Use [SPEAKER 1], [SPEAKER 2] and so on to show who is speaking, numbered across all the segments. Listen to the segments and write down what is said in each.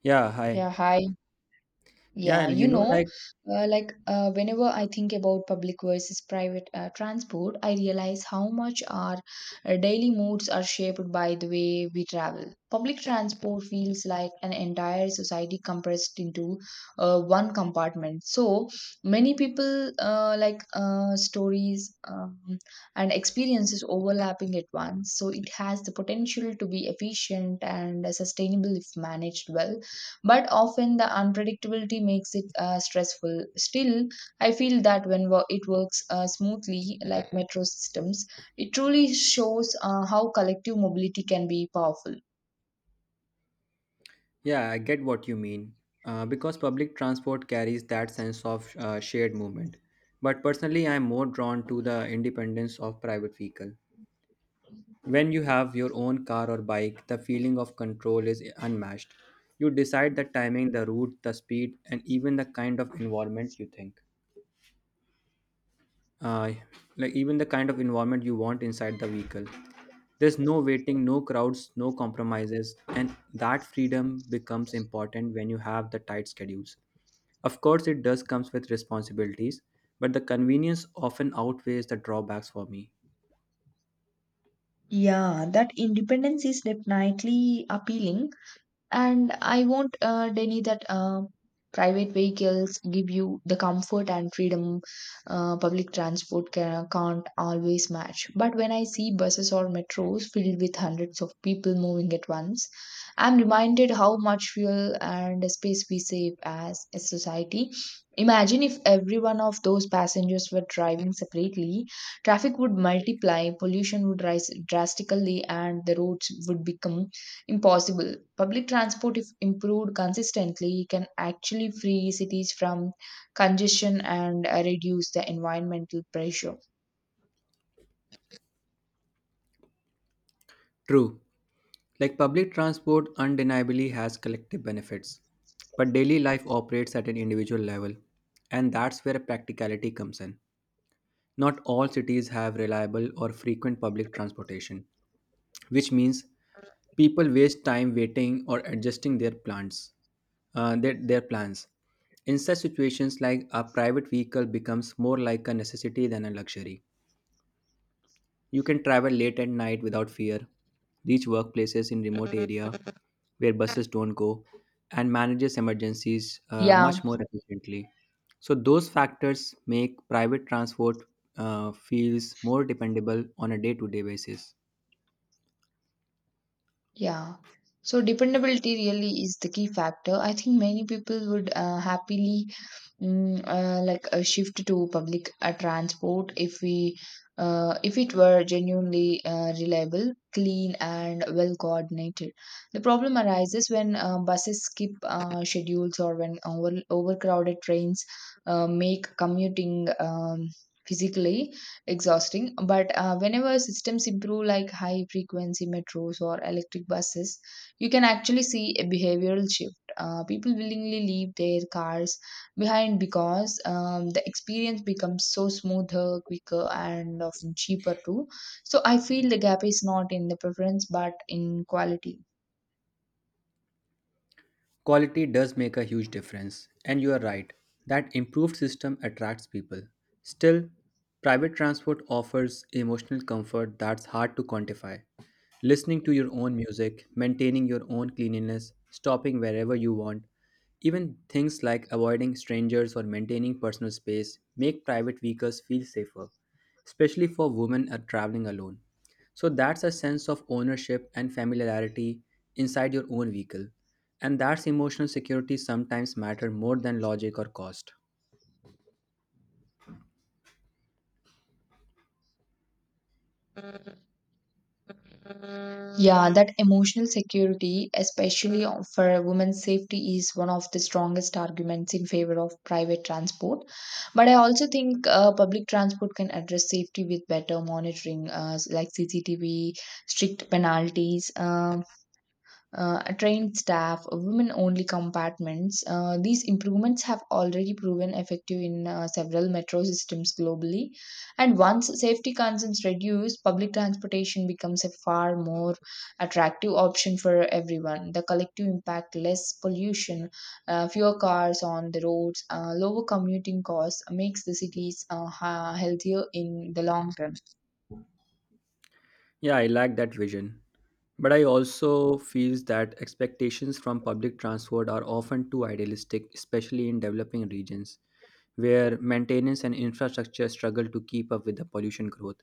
[SPEAKER 1] Yeah, hi.
[SPEAKER 2] Yeah, hi.
[SPEAKER 1] Yeah,
[SPEAKER 2] Yeah,
[SPEAKER 1] you
[SPEAKER 2] you
[SPEAKER 1] know,
[SPEAKER 2] know,
[SPEAKER 1] like,
[SPEAKER 2] whenever I think about public versus private transport, I realize how much our daily moods are shaped by the way we travel. Public transport feels like an entire society compressed into one compartment. So many people stories and experiences overlapping at once. So it has the potential to be efficient and sustainable if managed well, but often the unpredictability makes it stressful. Still, I feel that it works smoothly, like metro systems, it truly shows how collective mobility can be powerful.
[SPEAKER 1] yeah, I get what you mean. Because public transport carries that sense of shared movement. But personally, I'm more drawn to the independence of private vehicle. When you have your own car or bike, the feeling of control is unmatched. You decide the timing, the route, the speed, and even the kind of environment you think. uh, like even the kind of environment you want inside the vehicle, there's no waiting, no crowds, no compromises, and that freedom becomes important when you have the tight schedules. Of course it does comes with responsibilities, but the convenience often outweighs the drawbacks for me.
[SPEAKER 2] Yeah, that independence is definitely appealing. And I won't deny that private vehicles give you the comfort and freedom public transport can't always match. But when I see buses or metros filled with hundreds of people moving at once, I'm reminded how much fuel and space we save as a society. Imagine if every one of those passengers were driving separately, traffic would multiply, pollution would rise drastically, and the roads would become impossible. Public transport, if improved consistently, can actually free cities from congestion and reduce the environmental pressure.
[SPEAKER 1] True, like public transport undeniably has collective benefits, but daily life operates at an individual level, and that's where practicality comes in. Not all cities have reliable or frequent public transportation, which means people waste time waiting or adjusting their plans. Uh, their, their plans. In such situations, like a private vehicle becomes more like a necessity than a luxury. You can travel late at night without fear, reach workplaces in remote area where buses don't go, and manages emergencies
[SPEAKER 2] Yeah.
[SPEAKER 1] much more efficiently. So those factors make private transport feels more dependable on a day-to-day basis.
[SPEAKER 2] Yeah. So dependability really is the key factor. I think many people would happily shift to public transport if it were genuinely reliable, clean, and well coordinated. The problem arises when buses skip schedules or when overcrowded trains make commuting physically exhausting. But whenever systems improve, like high frequency metros or electric buses, you can actually see a behavioral shift. People willingly leave their cars behind because the experience becomes so smoother, quicker, and often cheaper too. So I feel the gap is not in the preference but in quality.
[SPEAKER 1] Quality does make a huge difference, and you are right that improved system attracts people. Still, private transport offers emotional comfort that's hard to quantify. Listening to your own music, maintaining your own cleanliness, stopping wherever you want, even things like avoiding strangers or maintaining personal space make private vehicles feel safer, especially for women are traveling alone. So that's a sense of ownership and familiarity inside your own vehicle. And that's emotional security sometimes matter more than logic or cost.
[SPEAKER 2] Yeah, that emotional security, especially for women's safety, is one of the strongest arguments in favor of private transport. But I also think public transport can address safety with better monitoring, like CCTV, strict penalties, trained staff, women only compartments. These improvements have already proven effective in several metro systems globally. And once safety concerns reduce, public transportation becomes a far more attractive option for everyone. The collective impact, less pollution, fewer cars on the roads, lower commuting costs, makes the cities healthier in the long term.
[SPEAKER 1] Yeah, I like that vision. But I also feel that expectations from public transport are often too idealistic, especially in developing regions where maintenance and infrastructure struggle to keep up with the pollution growth.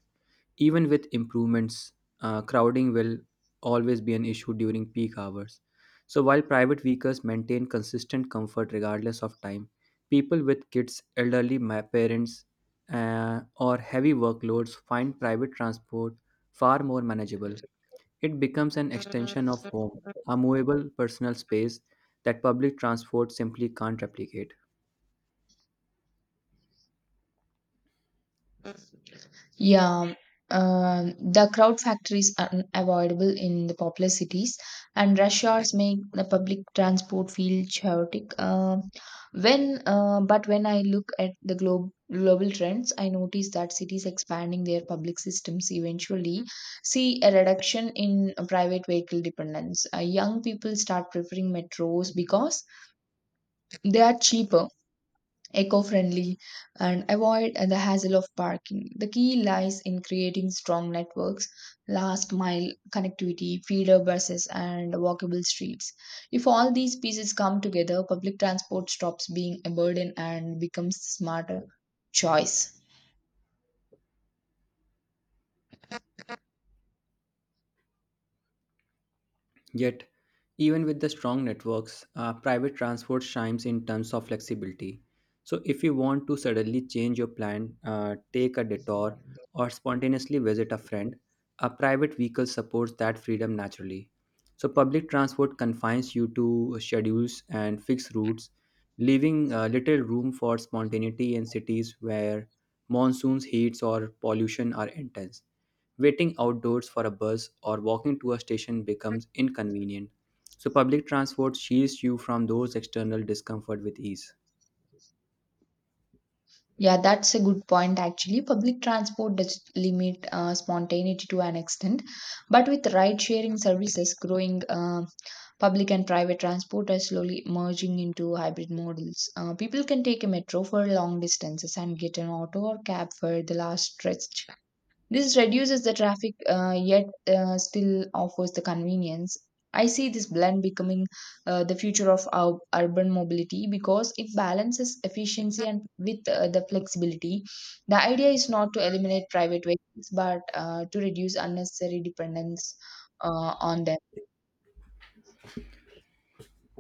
[SPEAKER 1] Even with improvements, crowding will always be an issue during peak hours. So, while private vehicles maintain consistent comfort regardless of time, people with kids, elderly parents, or heavy workloads find private transport far more manageable. It becomes an extension of home, a movable personal space that public transport simply can't replicate.
[SPEAKER 2] Yeah, um, the crowd factor is unavoidable in the populous cities, and rush hours make the public transport feel chaotic. But when I look at global trends, I notice that cities expanding their public systems eventually see a reduction in private vehicle dependence. Young people start preferring metros because they are cheaper, eco-friendly, and avoid the hassle of parking. The key lies in creating strong networks, last mile connectivity, feeder buses, and walkable streets. If all these pieces come together, public transport stops being a burden and becomes a smarter choice.
[SPEAKER 1] Yet, even with the strong networks, private transport shines in terms of flexibility. So, if you want to suddenly change your plan, take a detour, or spontaneously visit a friend, a private vehicle supports that freedom naturally. So, public transport confines you to schedules and fixed routes, leaving little room for spontaneity in cities where monsoons, heats, or pollution are intense. Waiting outdoors for a bus or walking to a station becomes inconvenient, so public transport shields you from those external discomfort with ease.
[SPEAKER 2] Yeah, that's a good point actually. Public transport does limit spontaneity to an extent, but with ride sharing services growing, public and private transport are slowly merging into hybrid models. People can take a metro for long distances and get an auto or cab for the last stretch. This reduces the traffic, yet still offers the convenience. I see this blend becoming the future of our urban mobility because it balances efficiency and with the flexibility. The idea is not to eliminate private vehicles, but to reduce unnecessary dependence on them.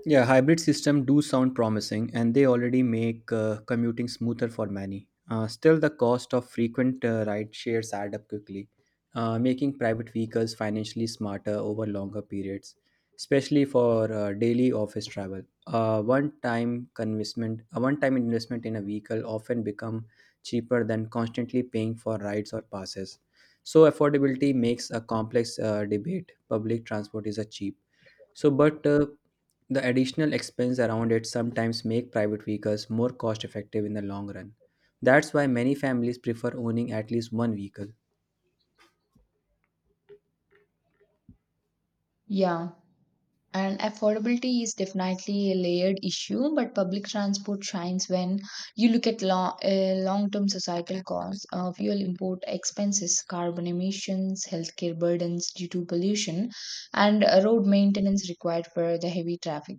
[SPEAKER 1] Yeah, hybrid system do sound promising, and they already make commuting smoother for many. Still, the cost of frequent ride shares add up quickly, making private vehicles financially smarter over longer periods, especially for daily office travel. A one-time investment in a vehicle often become cheaper than constantly paying for rides or passes. So, affordability makes a complex debate. Public transport is a cheap so, but the additional expense around it sometimes make private vehicles more cost effective in the long run. That's why many families prefer owning at least one vehicle.
[SPEAKER 2] Yeah. And affordability is definitely a layered issue, but public transport shines when you look at long-term societal costs, fuel import expenses, carbon emissions, healthcare burdens due to pollution, and road maintenance required for the heavy traffic.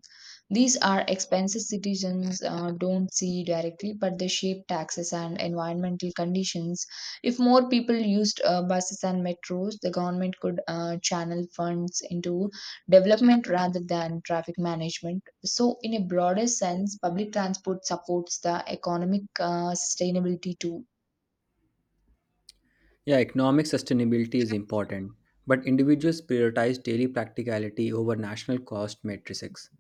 [SPEAKER 2] These are expenses citizens don't see directly, but they shape taxes and environmental conditions. If more people used buses and metros, the government could channel funds into development rather than traffic management. So, in a broader sense, public transport supports the economic sustainability too.
[SPEAKER 1] Yeah, economic sustainability is important, but individuals prioritize daily practicality over national cost matrices.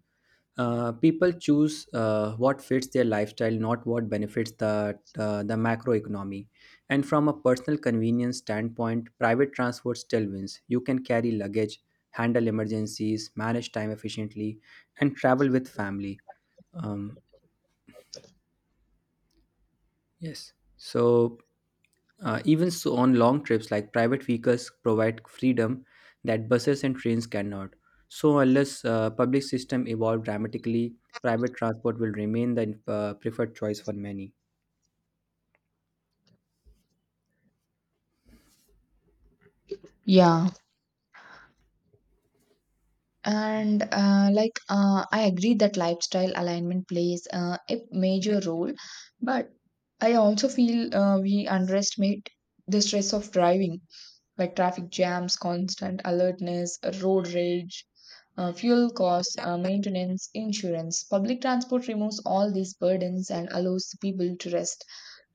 [SPEAKER 1] People choose what fits their lifestyle, not what benefits the macroeconomy. And from a personal convenience standpoint, private transport still wins. You can carry luggage, handle emergencies, manage time efficiently, and travel with family. Um, yes. So even so, on long trips, like private vehicles provide freedom that buses and trains cannot. So, unless public system evolve dramatically, private transport will remain the preferred choice for many.
[SPEAKER 2] Yeah. And I agree that lifestyle alignment plays a major role, but I also feel we underestimate the stress of driving, like traffic jams, constant alertness, road rage, fuel costs, maintenance, insurance. Public transport removes all these burdens and allows the people to rest,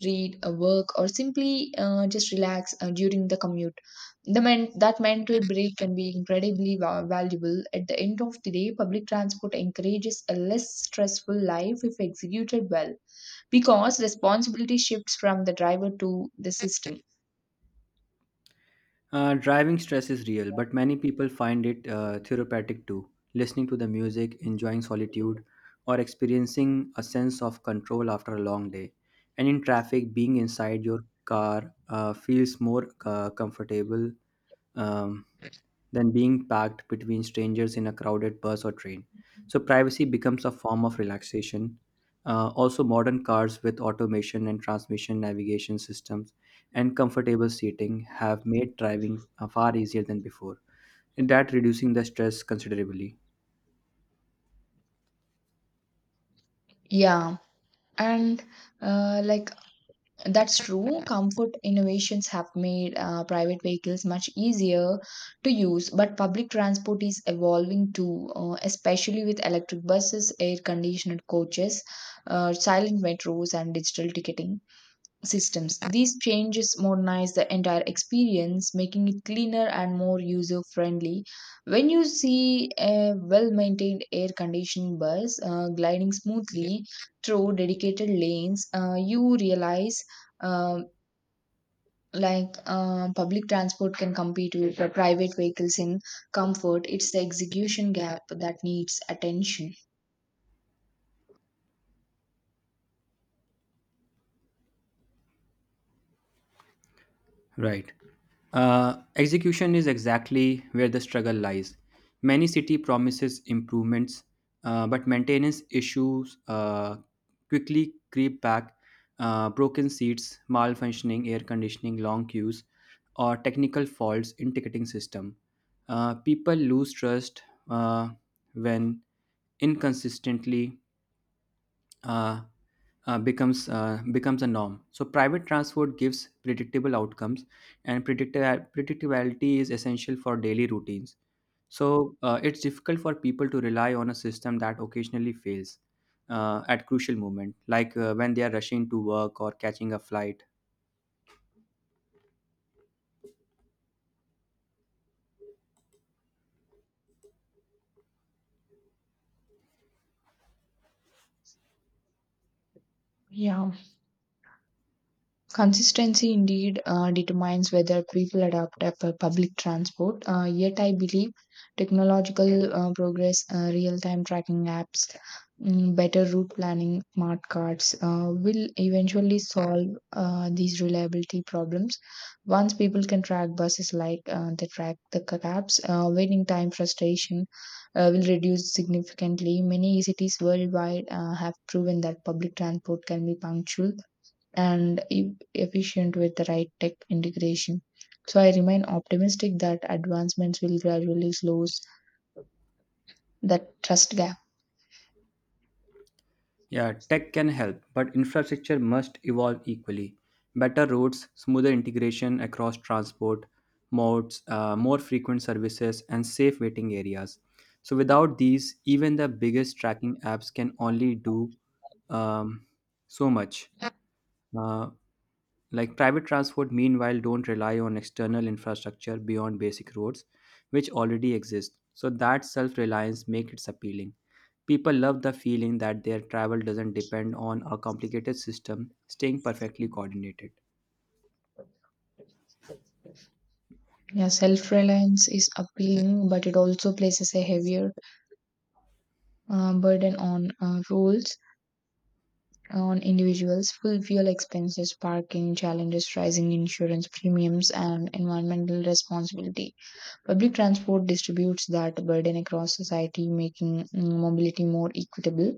[SPEAKER 2] read, work, or simply just relax during the commute. That mental break can be incredibly valuable. At the end of the day, public transport encourages a less stressful life if executed well, because responsibility shifts from the driver to the system.
[SPEAKER 1] Driving stress is real, but many people find it therapeutic too. Listening to the music, enjoying solitude, or experiencing a sense of control after a long day. And in traffic, being inside your car feels more comfortable um, than being packed between strangers in a crowded bus or train. So, privacy becomes a form of relaxation. Also, modern cars with automation and transmission navigation systems and comfortable seating have made driving far easier than before, and that reducing the stress considerably.
[SPEAKER 2] Yeah, and like That's true. Comfort innovations have made private vehicles much easier to use, but public transport is evolving too, especially with electric buses, air conditioned coaches, silent metros, and digital ticketing systems. These changes modernize the entire experience, making it cleaner and more user friendly. When you see a well maintained air conditioned bus gliding smoothly through dedicated lanes, you realize um public transport can compete with the private vehicles in comfort. It's the execution gap that needs attention.
[SPEAKER 1] Right. Execution is exactly where the struggle lies. Many city promises improvements, but maintenance issues quickly creep back. Broken seats, malfunctioning air conditioning, long queues, or technical faults in ticketing system. People lose trust uh, when inconsistently uh, becomes a norm. So private transport gives predictable outcomes, and predictability is essential for daily routines. So it's difficult for people to rely on a system that occasionally fails at crucial moment, like when they are rushing to work or catching a flight.
[SPEAKER 2] Yeah. Consistency indeed determines whether people adopt a public transport. Yet, I believe technological progress, real time tracking apps, better route planning, smart cards will eventually solve these reliability problems. Once people can track buses like they track the cabs, waiting time frustration will reduce significantly. Many cities worldwide have proven that public transport can be punctual and efficient with the right tech integration. So I remain optimistic that advancements will gradually close that trust gap.
[SPEAKER 1] Yeah, tech can help, but infrastructure must evolve equally. Better roads, smoother integration across transport modes, more frequent services, and safe waiting areas. So, without these, even the biggest tracking apps can only do um, so much. Uh, like private transport, meanwhile, don't rely on external infrastructure beyond basic roads, which already exist. So that self-reliance makes it appealing. People love the feeling that their travel doesn't depend on a complicated system staying perfectly coordinated.
[SPEAKER 2] Yeah, self-reliance is appealing, but it also places a heavier burden on individuals. Full fuel expenses, parking challenges, rising insurance premiums, and environmental responsibility. Public transport distributes that burden across society, making mobility more equitable.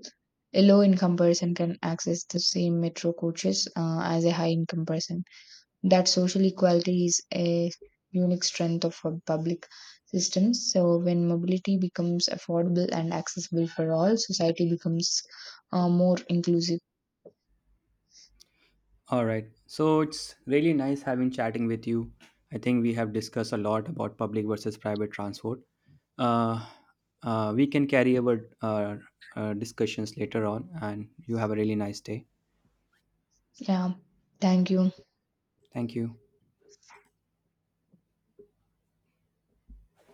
[SPEAKER 2] A low income person can access the same metro coaches as a high income person. That social equality is a unique strength of our public systems. So, when mobility becomes affordable and accessible for all, society becomes more inclusive.
[SPEAKER 1] All right. So it's really nice having chatting with you. I think we have discussed a lot about public versus private transport. Uh, we can carry our discussions later on, and you have a really nice day.
[SPEAKER 2] Yeah, thank you.
[SPEAKER 1] Thank you.